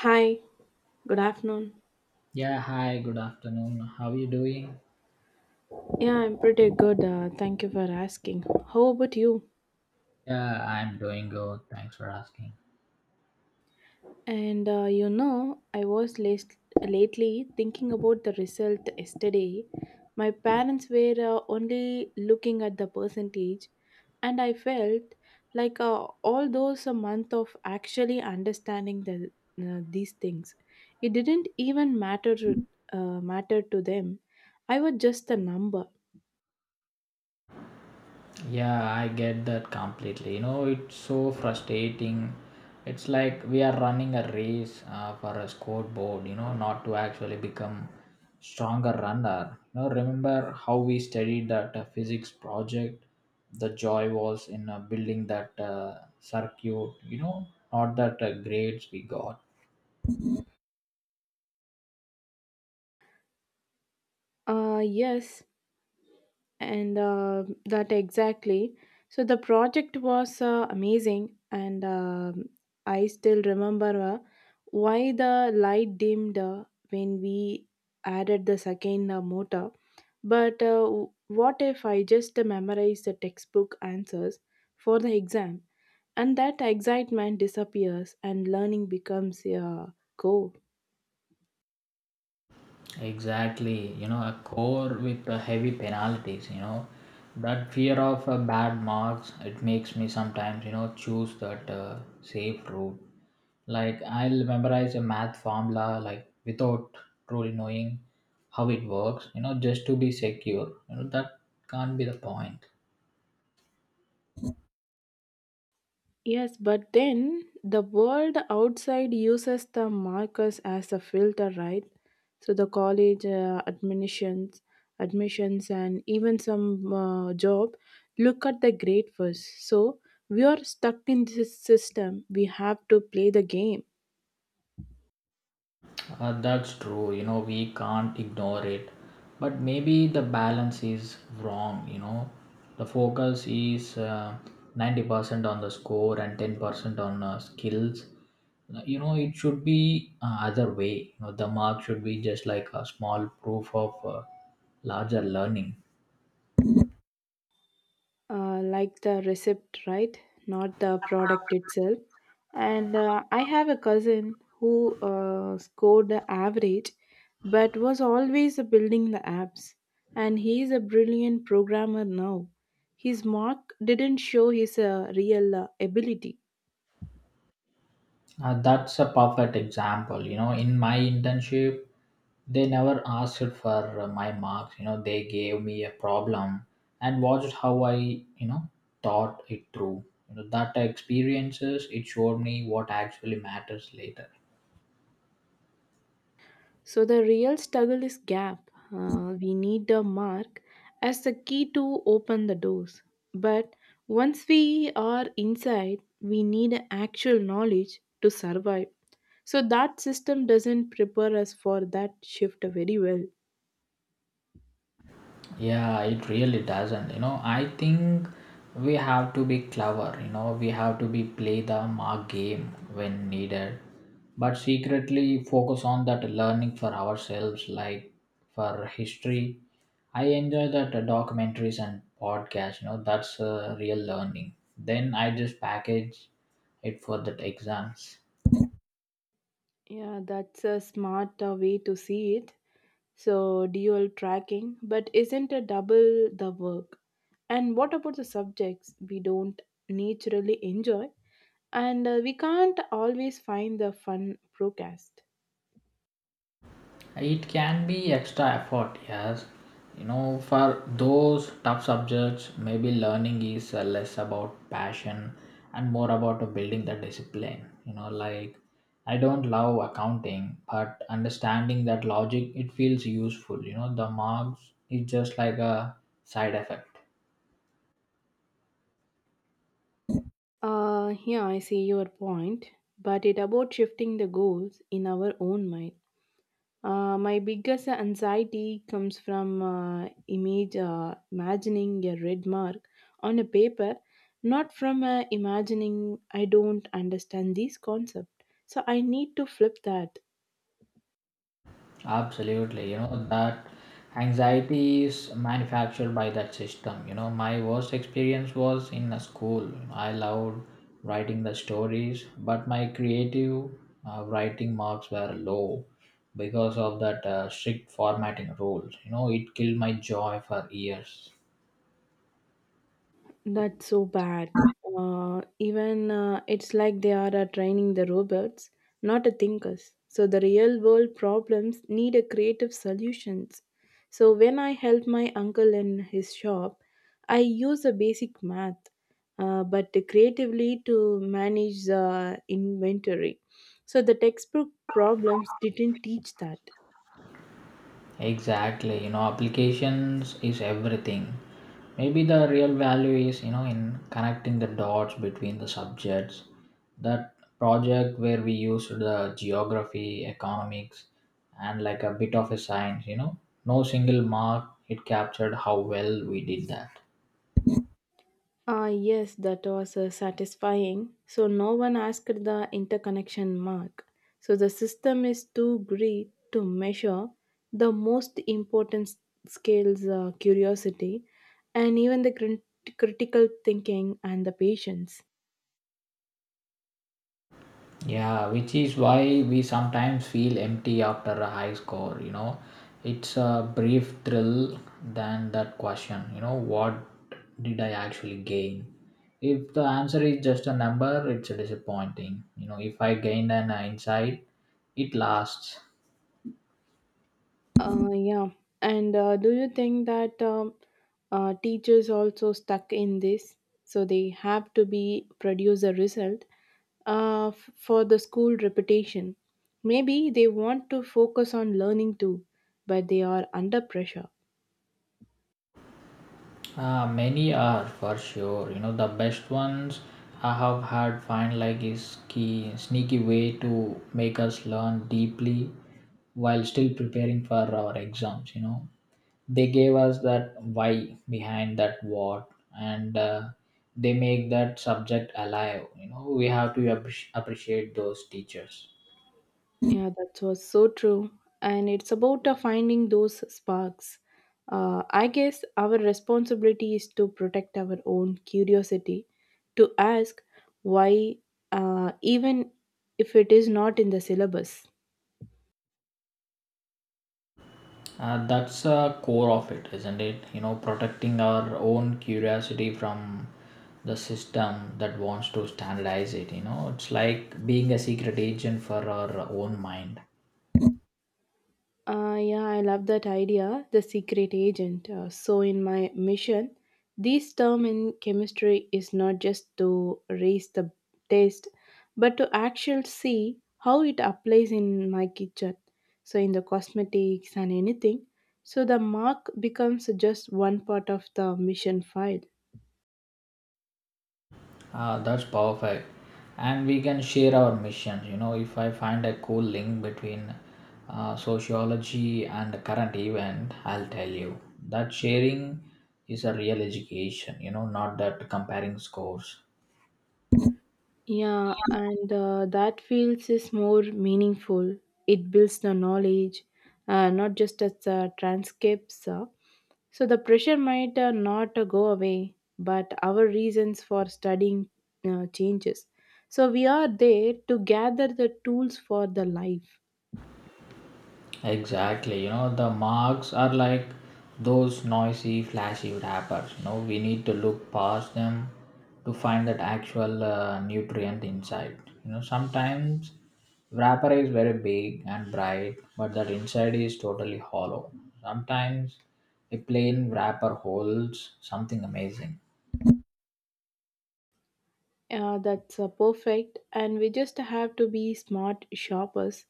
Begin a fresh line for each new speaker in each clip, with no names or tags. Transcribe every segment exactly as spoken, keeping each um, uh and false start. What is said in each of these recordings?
Hi, good afternoon.
Yeah, hi, good afternoon. How are you doing?
Yeah, I'm pretty good. Uh, thank you for asking. How about you?
Yeah, I'm doing good. Thanks for asking.
And uh, you know, I was last, lately thinking about the result yesterday. My parents were uh, only looking at the percentage, and I felt like uh, all those a month of actually understanding the, uh, these things, it didn't even matter uh, matter to them. I was just a number.
Yeah, I get that completely. You know, it's so frustrating. It's like we are running a race uh, for a scoreboard, you know, not to actually become stronger runner. You know, remember how we studied that uh, physics project? The joy was in uh, building that uh, circuit, you know, not that uh, grades we got.
Uh, yes, and uh, that exactly, so the project was uh, amazing, and um I still remember uh, why the light dimmed uh, when we added the second uh, motor. But uh, w- what if I just memorize the textbook answers for the exam, and that excitement disappears and learning becomes a uh, goal?
Exactly, you know, a core with uh, heavy penalties, you know, that fear of uh, bad marks, it makes me sometimes, you know, choose that uh, safe route. Like, I'll memorize a math formula, like, without truly knowing how it works, you know, just to be secure. You know, that can't be the point.
Yes, but then the world outside uses the markers as a filter, right? So the college uh, admissions, admissions, and even some uh, job look at the grade first. So we are stuck in this system. We have to play the game.
Uh, that's true. You know, we can't ignore it. But maybe the balance is wrong. You know, the focus is uh, ninety percent on the score and ten percent on uh, skills. Uh, You know, it should be uh, other way. You know, the mark should be just like a small proof of uh, larger learning.
Uh, like the receipt, right? Not the product itself. And uh, I have a cousin who uh, scored the average but was always building the apps. And he is a brilliant programmer now. His mark didn't show his uh, real uh, ability.
Uh, that's a perfect example. You know, in my internship, they never asked for uh, my marks. You know, they gave me a problem and watched how I, you know, thought it through. You know, that experiences it showed me what actually matters later.
So the real struggle is gap. Uh, we need the mark as the key to open the doors. But once we are inside, we need actual knowledge to survive. So that system doesn't prepare us for that shift very well.
Yeah, it really doesn't. You know, I think we have to be clever. You know, we have to be play the mark game when needed, but secretly focus on that learning for ourselves. Like for history, I enjoy that uh, documentaries and podcasts. You know, that's uh, real learning. Then I just package it for that exams.
Yeah, that's a smart uh, way to see it. So dual tracking, but isn't a double the work? And what about the subjects we don't naturally enjoy? And uh, we can't always find the fun broadcast.
It can be extra effort, yes. You know, for those tough subjects, maybe learning is uh, less about passion and more about uh, building the discipline. You know, like I don't love accounting, but understanding that logic, it feels useful. You know, the marks is just like a side effect.
Uh, yeah, I see your point, but it about shifting the goals in our own mind. Uh, my biggest anxiety comes from uh, image uh, imagining a red mark on a paper, not from uh, imagining I don't understand this concept. So I need to flip that.
Absolutely, you know that anxiety is manufactured by that system. You know, my worst experience was in a school. I loved writing the stories, but my creative uh, writing marks were low because of that uh, strict formatting rules. You know, it killed my joy for years.
That's so bad. Uh, even uh, It's like they are uh, training the robots, not the thinkers. So the real world problems need a creative solutions. So when I help my uncle in his shop, I use a basic math, uh, but creatively to manage the inventory. So the textbook problems didn't teach that.
Exactly, you know, applications is everything. Maybe the real value is, you know, in connecting the dots between the subjects. That project where we used the geography, economics, and like a bit of a science, you know, no single mark, it captured how well we did that.
Ah, yes, that was uh, satisfying. So no one asked the interconnection mark. So the system is too great to measure the most important s- scales, uh, curiosity and even the crit- critical thinking and the patience.
Yeah, which is why we sometimes feel empty after a high score, you know. It's a brief thrill than that question, you know, what did I actually gain? If the answer is just a number, it's disappointing. You know, if I gained an insight, it lasts.
Uh, yeah. And uh, do you think that um, uh, teachers also stuck in this? So they have to be produce a result uh, f- for the school reputation. Maybe they want to focus on learning too, but they are under pressure.
Uh, many are for sure. You know, the best ones I have had find like is key sneaky way to make us learn deeply while still preparing for our exams. You know, they gave us that why behind that what, and uh, they make that subject alive. You know, we have to appreci- appreciate those teachers.
Yeah, that was so true. And it's about uh, finding those sparks. Uh, I guess our responsibility is to protect our own curiosity, to ask why, uh, even if it is not in the syllabus.
Uh, that's a core of it, isn't it? You know, protecting our own curiosity from the system that wants to standardize it. You know, it's like being a secret agent for our own mind.
Uh, yeah, I love that idea, the secret agent. Uh, so, in my mission, this term in chemistry is not just to raise the taste, but to actually see how it applies in my kitchen. So, in the cosmetics and anything. So, the mark becomes just one part of the mission file.
Uh, that's powerful. And we can share our missions. You know, if I find a cool link between uh, sociology and the current event, I'll tell you that sharing is a real education, you know, not that comparing scores.
Yeah, and uh, that feels is more meaningful. It builds the knowledge, uh, not just as uh, transcripts. Uh, So the pressure might uh, not uh, go away, but our reasons for studying uh, changes. So we are there to gather the tools for the life.
Exactly, you know, the marks are like those noisy, flashy wrappers. You know, we need to look past them to find that actual uh, nutrient inside. You know, sometimes wrapper is very big and bright, but that inside is totally hollow. Sometimes a plain wrapper holds something amazing.
Uh, that's uh, perfect, and we just have to be smart shoppers,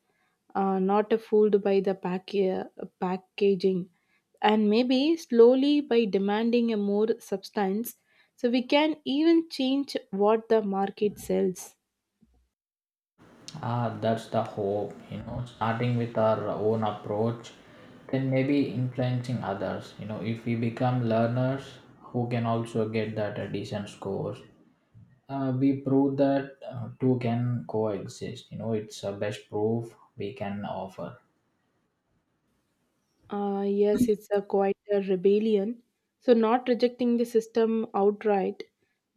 uh, not fooled by the pack- uh, packaging, and maybe slowly by demanding a more substance. So we can even change what the market sells.
Ah, that's the hope, you know, starting with our own approach, then maybe influencing others. You know, if we become learners who can also get that a decent scores, uh, we prove that uh, two can coexist. You know, it's a best proof we can offer.
Uh, yes, it's a quite a rebellion. So, not rejecting the system outright,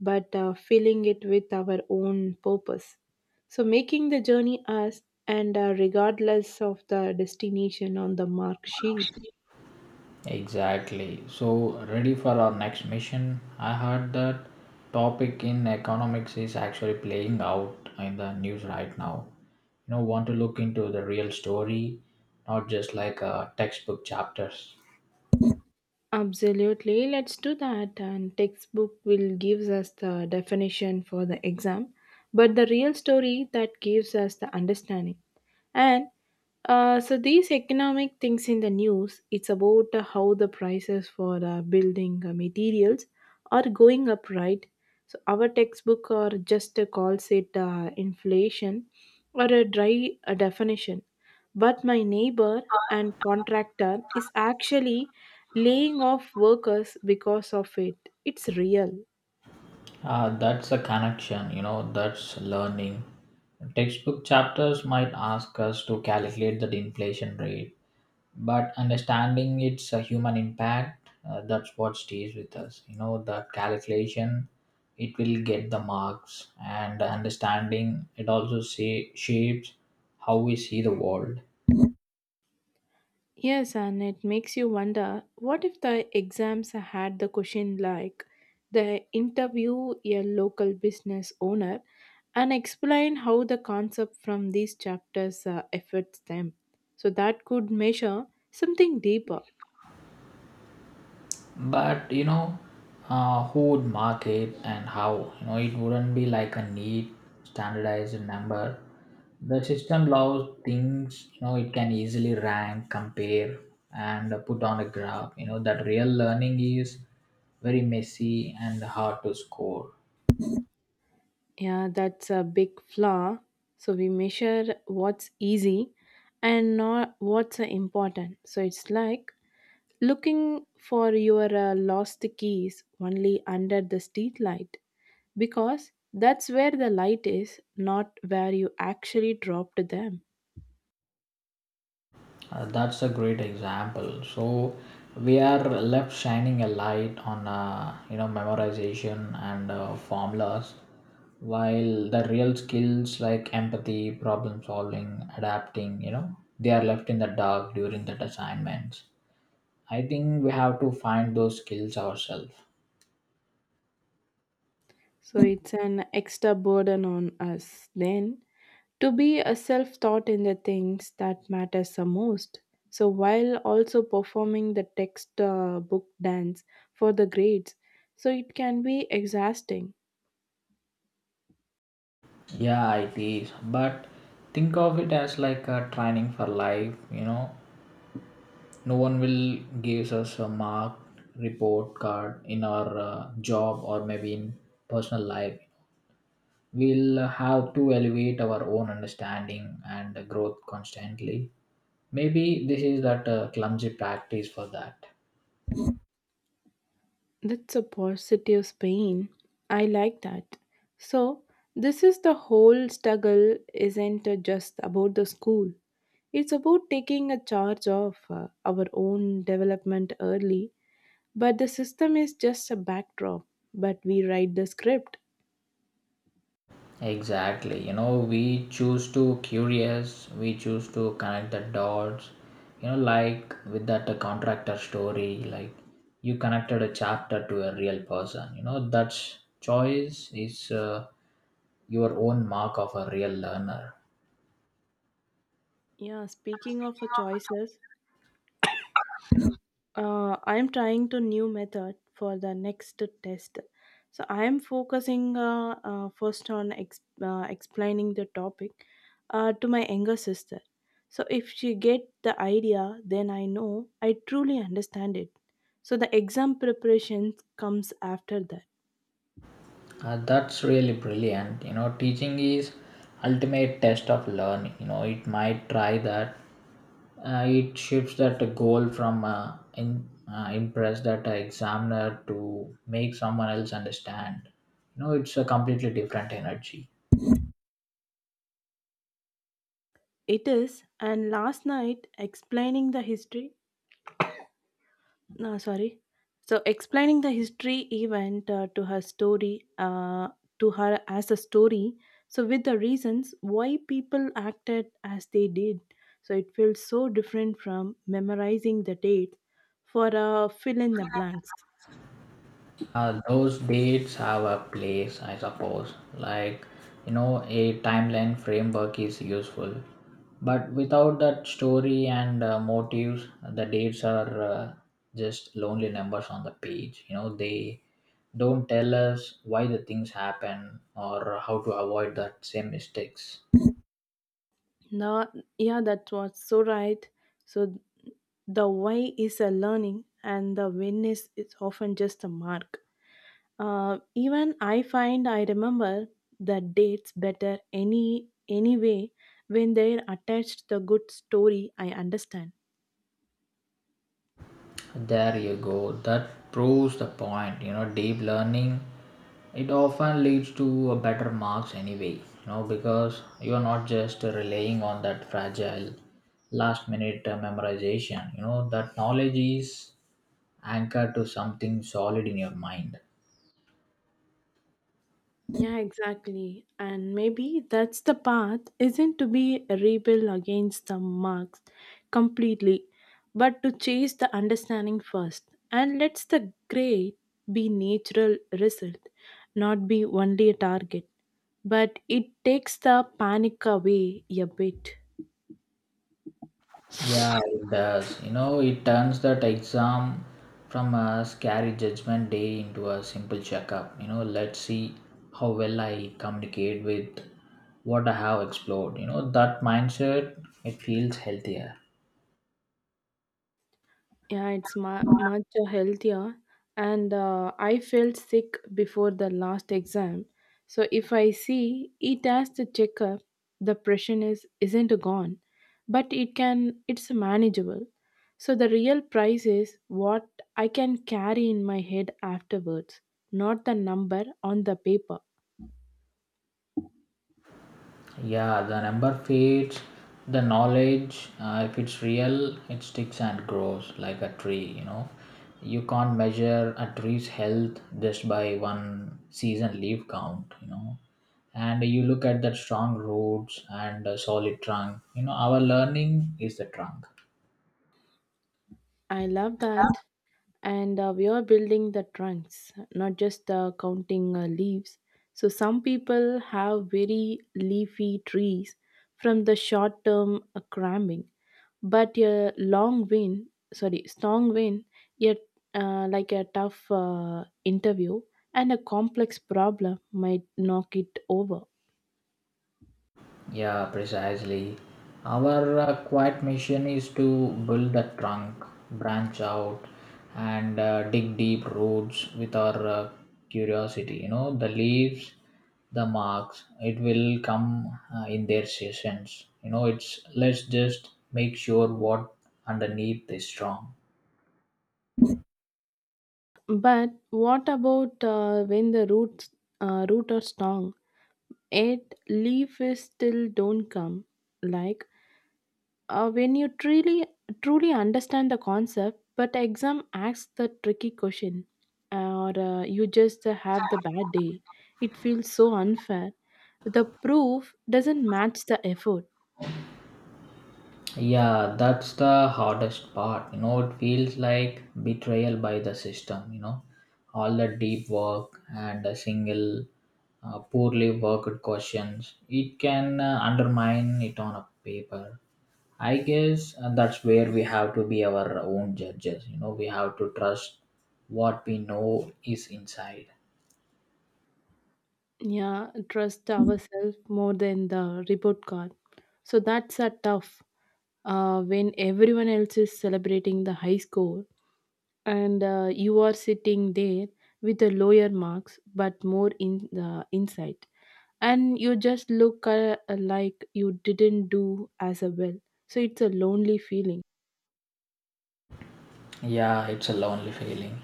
but uh, filling it with our own purpose. So, making the journey us and uh, regardless of the destination on the mark sheet.
Exactly. So, ready for our next mission? I heard that topic in economics is actually playing out in the news right now. You know, want to look into the real story, not just like uh, textbook chapters.
Absolutely, let's do that. And textbook will gives us the definition for the exam, but the real story that gives us the understanding. And uh, So these economic things in the news, it's about uh, how the prices for uh, building uh, materials are going up, right? So our textbook or just uh, calls it uh, inflation or a dry uh, definition. But my neighbor and contractor is actually laying off workers because of it. It's real.
Uh, that's a connection, you know, that's learning. Textbook chapters might ask us to calculate the inflation rate but understanding its uh, human impact uh, that's what stays with us you know that calculation it will get the marks and the understanding it also say, shapes how we see the world
Yes, and it makes you wonder what if the exams had the question like they interview a local business owner and explain how the concept from these chapters uh, affects them. So that could measure something deeper.
but you know uh, who would mark it and how you know it wouldn't be like a neat standardized number the system allows things you know it can easily rank compare and put on a graph you know that real learning is very messy and hard to score.
Yeah, that's a big flaw. So we measure what's easy and not what's uh, important. So it's like looking for your uh, lost keys only under the street light because that's where the light is, not where you actually dropped them.
Uh, that's a great example. So we are left shining a light on uh, you know memorization and uh, formulas, while the real skills like empathy, problem solving, adapting, you know, they are left in the dark during that assignments. I think we have to find those skills ourselves.
So it's an extra burden on us then to be a self thought in the things that matters the most, so while also performing the text uh, book dance for the grades, so it can be exhausting.
Yeah, it is. But think of it as like a training for life, you know, no one will give us a mark report card in our uh, job or maybe in personal life we'll have to elevate our own understanding and growth constantly maybe this is that uh, clumsy practice for that.
That's a positive spin, I like that. So this is the whole struggle, isn't just about the school. It's about taking a charge of uh, our own development early, but the system is just a backdrop, but we write the script.
Exactly. You know, we choose to curious, we choose to connect the dots. You know, like with that uh, contractor story, like you connected a chapter to a real person. You know, that choice is uh, your own mark of a real learner.
Yeah, speaking of uh, choices, uh, I'm trying to new method for the next test. So I'm focusing uh, uh, first on ex- uh, explaining the topic uh, to my younger sister. So if she get the idea, then I know I truly understand it. So the exam preparation comes after that.
Uh, that's really brilliant. You know, teaching is ultimate test of learning. You know, it might try that. Uh, it shifts that goal from uh, in, uh, impress that uh, examiner to make someone else understand. You know, it's a completely different energy.
It is, and last night explaining the history. No, sorry. So explaining the history event uh, to her story, uh, to her as a story, so with the reasons why people acted as they did. So it feels so different from memorizing the date for uh, fill in the blanks.
Uh, those dates have a place, I suppose. Like, you know, a timeline framework is useful. But without that story and uh, motives, the dates are uh, just lonely numbers on the page. You know, they don't tell us why the things happen or how to avoid that same mistakes.
No, yeah, that was so right. So the why is a learning and the when is is often just a mark. Uh, even I find I remember the dates better any anyway when they're attached the good story I understand.
There you go. That proves the point. You know, deep learning it often leads to a better marks anyway. You know, because you are not just relying on that fragile last minute uh, memorization. You know, that knowledge is anchored to something solid in your mind.
Yeah, exactly. And maybe that's the path isn't to be a rebel against the marks completely, but to chase the understanding first. And let's the great be natural result, not be only a target. But it takes the panic away a bit.
Yeah, it does. You know, it turns that exam from a scary judgment day into a simple checkup. You know, let's see how well I communicate with what I have explored. You know, that mindset, it feels healthier.
Yeah, it's mu much healthier. And uh, I felt sick before the last exam. So if I see it as the checkup, the pressure is isn't gone, but it can it's manageable. So the real price is what I can carry in my head afterwards, not the number on the paper.
Yeah, the number fades, the knowledge, uh, if it's real, it sticks and grows like a tree, you know. You can't measure a tree's health just by one season leaf count, you know. And you look at that strong roots and a solid trunk, you know, our learning is the trunk.
I love that. And uh, we are building the trunks, not just uh, counting uh, leaves. So some people have very leafy trees from the short term uh, cramming, but a long wind, sorry strong wind, yet uh, like a tough uh, interview and a complex problem might knock it over.
Yeah, precisely. Our uh, quiet mission is to build a trunk, branch out, and uh, dig deep roots with our uh, curiosity. You know, the leaves, the marks, it will come uh, in their seasons. You know, it's let's just make sure what underneath is strong.
But what about uh, when the roots uh, root are strong, yet leaf is still don't come, like. Uh, when you truly truly understand the concept, but exam asks the tricky question, or uh, you just have the bad day, it feels so unfair. The proof doesn't match the effort.
Yeah, that's the hardest part. You know, it feels like betrayal by the system, you know. All the deep work and a single uh, poorly worked questions, it can uh, undermine it on a paper. I guess uh, that's where we have to be our own judges. You know, we have to trust what we know is inside.
Yeah, trust ourselves more than the report card. So that's a tough uh, when everyone else is celebrating the high score and uh, you are sitting there with the lower marks but more in the insight. And you just look uh, uh, like you didn't do as well, so it's a lonely feeling.
Yeah, it's a lonely feeling.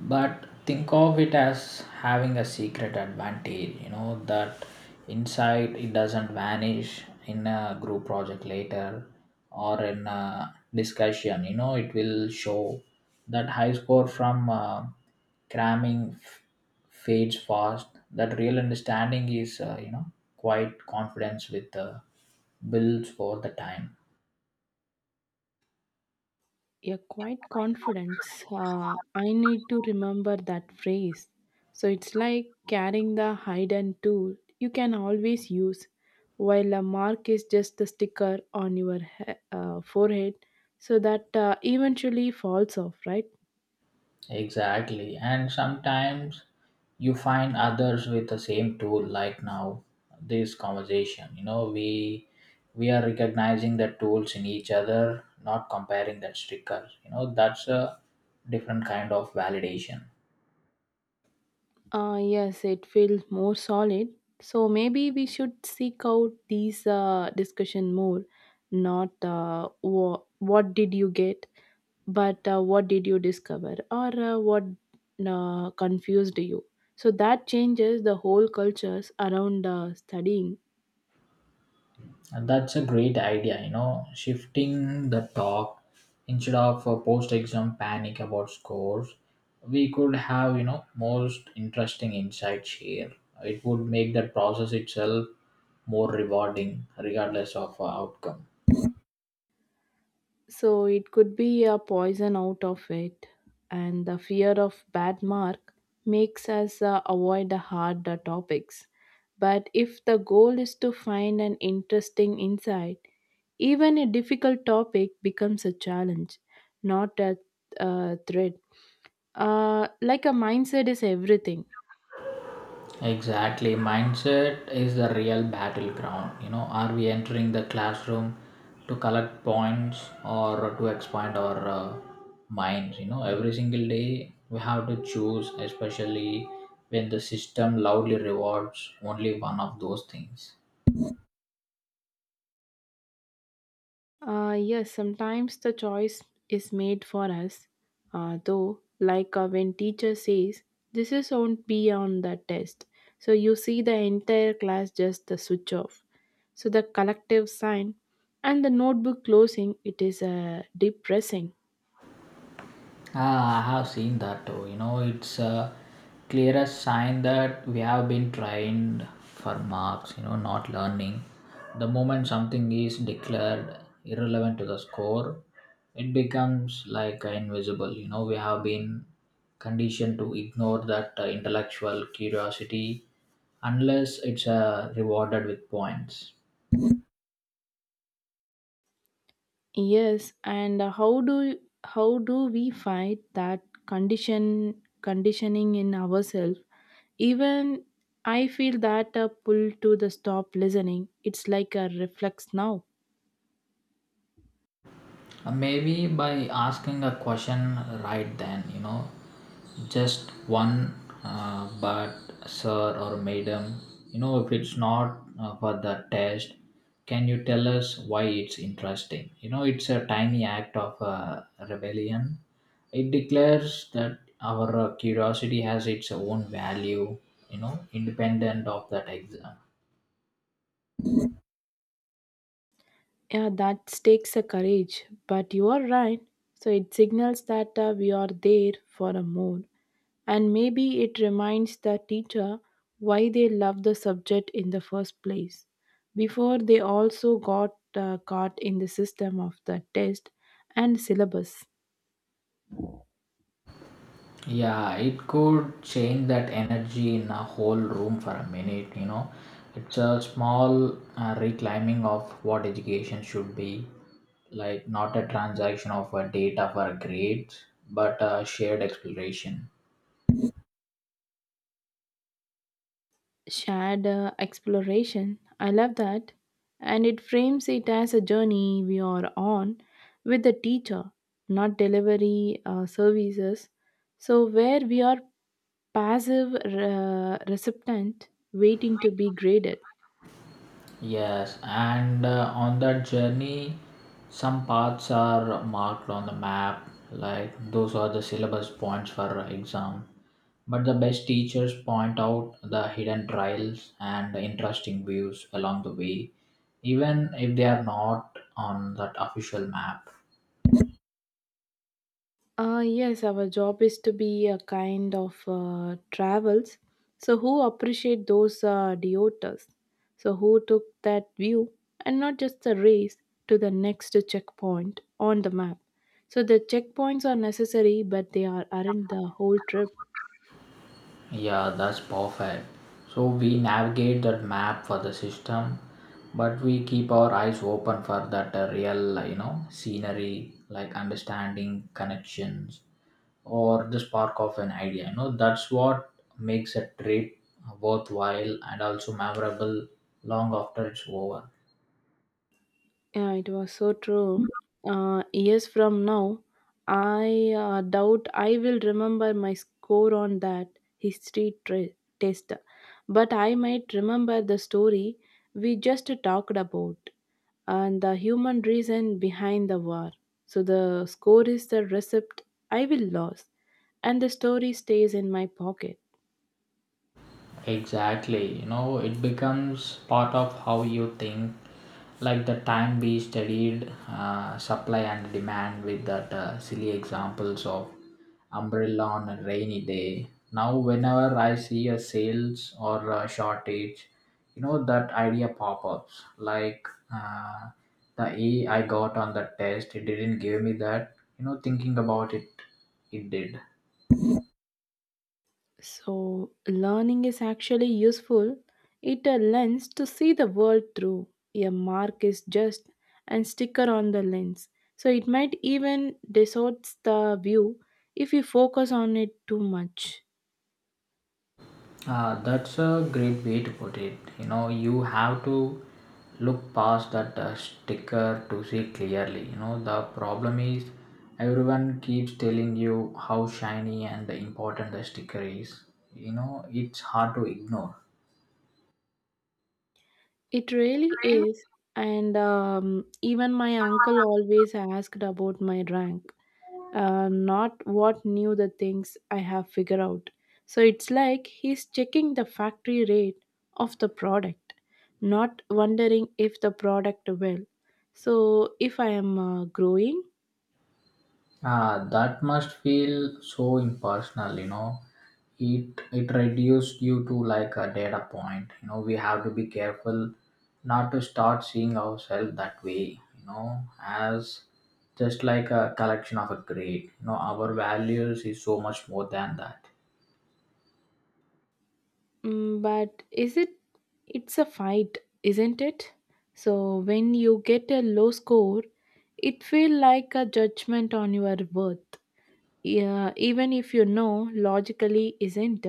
But think of it as having a secret advantage, you know, that inside it doesn't vanish in a group project later or in a discussion. You know, it will show that high score from uh, cramming f- fades fast. That real understanding is, uh, you know, quite confidence with uh, builds for the time.
Yeah, quite confidence, uh, I need to remember that phrase. So it's like carrying the hidden tool you can always use, while a mark is just a sticker on your he- uh, forehead, so that uh, eventually falls off, right?
Exactly. And sometimes you find others with the same tool like now this conversation. You know, we we are recognizing the tools in each other, not comparing that stickers. You know, that's a different kind of validation.
Uh, yes, it feels more solid. So maybe we should seek out these uh, discussion more, not uh, wha- what did you get, but uh, what did you discover, or uh, what uh, confused you. So that changes the whole cultures around uh, studying.
And that's a great idea, you know, shifting the talk instead of a post exam panic about scores, we could have, you know, most interesting insights here. It would make that process itself more rewarding, regardless of uh, outcome.
So it could be a poison out of it, and the fear of bad mark makes us uh, avoid the hard uh, topics. But if the goal is to find an interesting insight, even a difficult topic becomes a challenge, not a, uh threat. Uh, like a mindset is everything.
Exactly. Mindset is the real battleground. You know, are we entering the classroom to collect points or to expand our uh, minds? You know, every single day we have to choose, especially when the system loudly rewards only one of those things.
Uh, yes, sometimes the choice is made for us, uh, though, like uh, when teacher says, this is won't be on the test. So you see the entire class just the switch off. So the collective sign and the notebook closing, it is uh, depressing.
Ah, I have seen that too. You know, it's a clearest sign that we have been trained for marks, you know, not learning. The moment something is declared irrelevant to the score, it becomes like uh, invisible. You know, we have been conditioned to ignore that uh, intellectual curiosity unless it's uh, rewarded with points.
Yes, and how do how do we fight that condition conditioning in ourselves? Even I feel that a pull to the stop listening. It's like a reflex now.
Uh, Maybe by asking a question right then, you know, just one, uh, but sir or madam, you know, if it's not uh, for the test, can you tell us why it's interesting? You know, it's a tiny act of uh, rebellion. It declares that our uh, curiosity has its own value, you know, independent of that exam.
Yeah, that takes a courage, but you are right. So it signals that uh, we are there for a more. And maybe it reminds the teacher why they love the subject in the first place. Before they also got uh, caught in the system of the test and syllabus.
Yeah, it could change that energy in a whole room for a minute, you know. It's a small uh, reclaiming of what education should be like, not a transaction of uh, data for grades, but a shared exploration.
Shared uh, exploration. I love that. And it frames it as a journey we are on with the teacher, not delivery uh, services. So, where we are passive, uh, recipient, waiting to be graded.
Yes, and uh, on that journey, some paths are marked on the map, like those are the syllabus points for exam. But the best teachers point out the hidden trails and the interesting views along the way, even if they are not on that official map.
Uh, yes, our job is to be a kind of uh, travels. So who appreciate those uh, deoters? So who took that view and not just the race to the next checkpoint on the map. So the checkpoints are necessary, but they are aren't the whole trip.
Yeah, that's perfect. So we navigate that map for the system, but we keep our eyes open for that uh, real, uh, you know, scenery, like understanding connections or the spark of an idea. You know, that's what makes a trip worthwhile and also memorable long after it's over.
Yeah, it was so true. Uh, years from now, I uh, doubt I will remember my score on that history tre- test, but I might remember the story we just talked about and the human reason behind the war. So the score is the recipe I will lose, and the story stays in my pocket.
Exactly. You know, it becomes part of how you think like the time we studied uh, supply and demand with that uh, silly examples of umbrella on a rainy day now whenever I see a sales or a shortage, you know, that idea pop-ups like uh, the A I got on the test, it didn't give me that. You know, thinking about it, it did.
So, learning is actually useful. It a lens to see the world through. A mark is just and sticker on the lens. So, it might even distorts the view if you focus on it too much.
Uh, that's a great way to put it. You know, you have to look past that uh, sticker to see clearly. You know, the problem is everyone keeps telling you how shiny and important the sticker is. You know, it's hard to ignore.
It really is. And um, even my uncle always asked about my rank, uh, not what knew the things I have figured out. So it's like he's checking the factory rate of the product, not wondering if the product will. So if I am uh, growing,
Ah, that must feel so impersonal, you know. It it reduced you to like a data point. You know, we have to be careful not to start seeing ourselves that way, you know, as just like a collection of a grade. You know, our values is so much more than that.
mm, but is it? It's a fight, isn't it? So when you get a low score, it feel like a judgment on your worth. Yeah, even if you know logically isn't.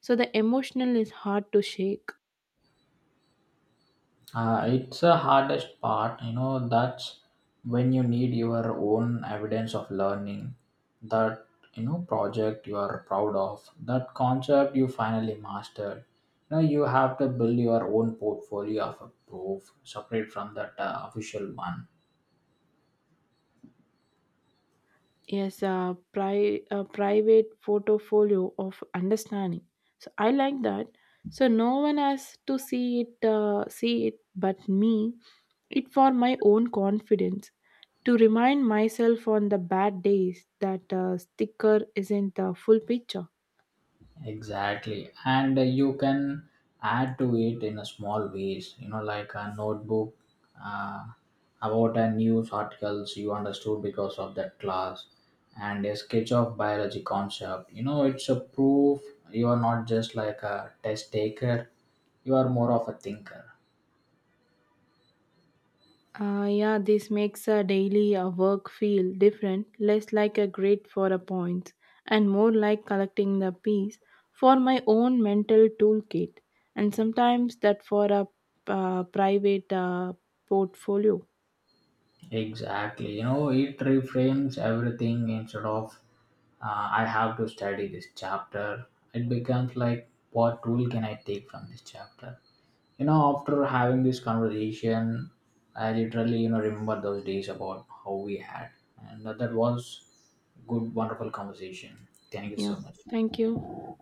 So the emotional is hard to shake.
Uh, it's the hardest part, you know, that's when you need your own evidence of learning, that, you know, project you are proud of, that concept you finally mastered. You know, you have to build your own portfolio of a proof separate from that uh, official one.
Yes, a, pri- a private portfolio of understanding. So I like that. So no one has to see it, uh, see it, but me. It for my own confidence to remind myself on the bad days that uh, sticker isn't the full picture.
Exactly. And uh, you can add to it in a small ways, you know, like a notebook uh, about a news articles you understood because of that class and a sketch of biology concept. You know, it's a proof you are not just like a test taker, you are more of a thinker.
Uh, yeah, this makes a daily uh, work feel different, less like a grid for a points and more like collecting the piece for my own mental toolkit, and sometimes that for a uh, private uh, portfolio.
Exactly. You know, it reframes everything instead of uh, I have to study this chapter. It becomes like what rule can I take from this chapter? You know, after having this conversation, I literally, you know, remember those days about how we had and that, that was good wonderful conversation, thank you
Yeah,
so much.
thank you.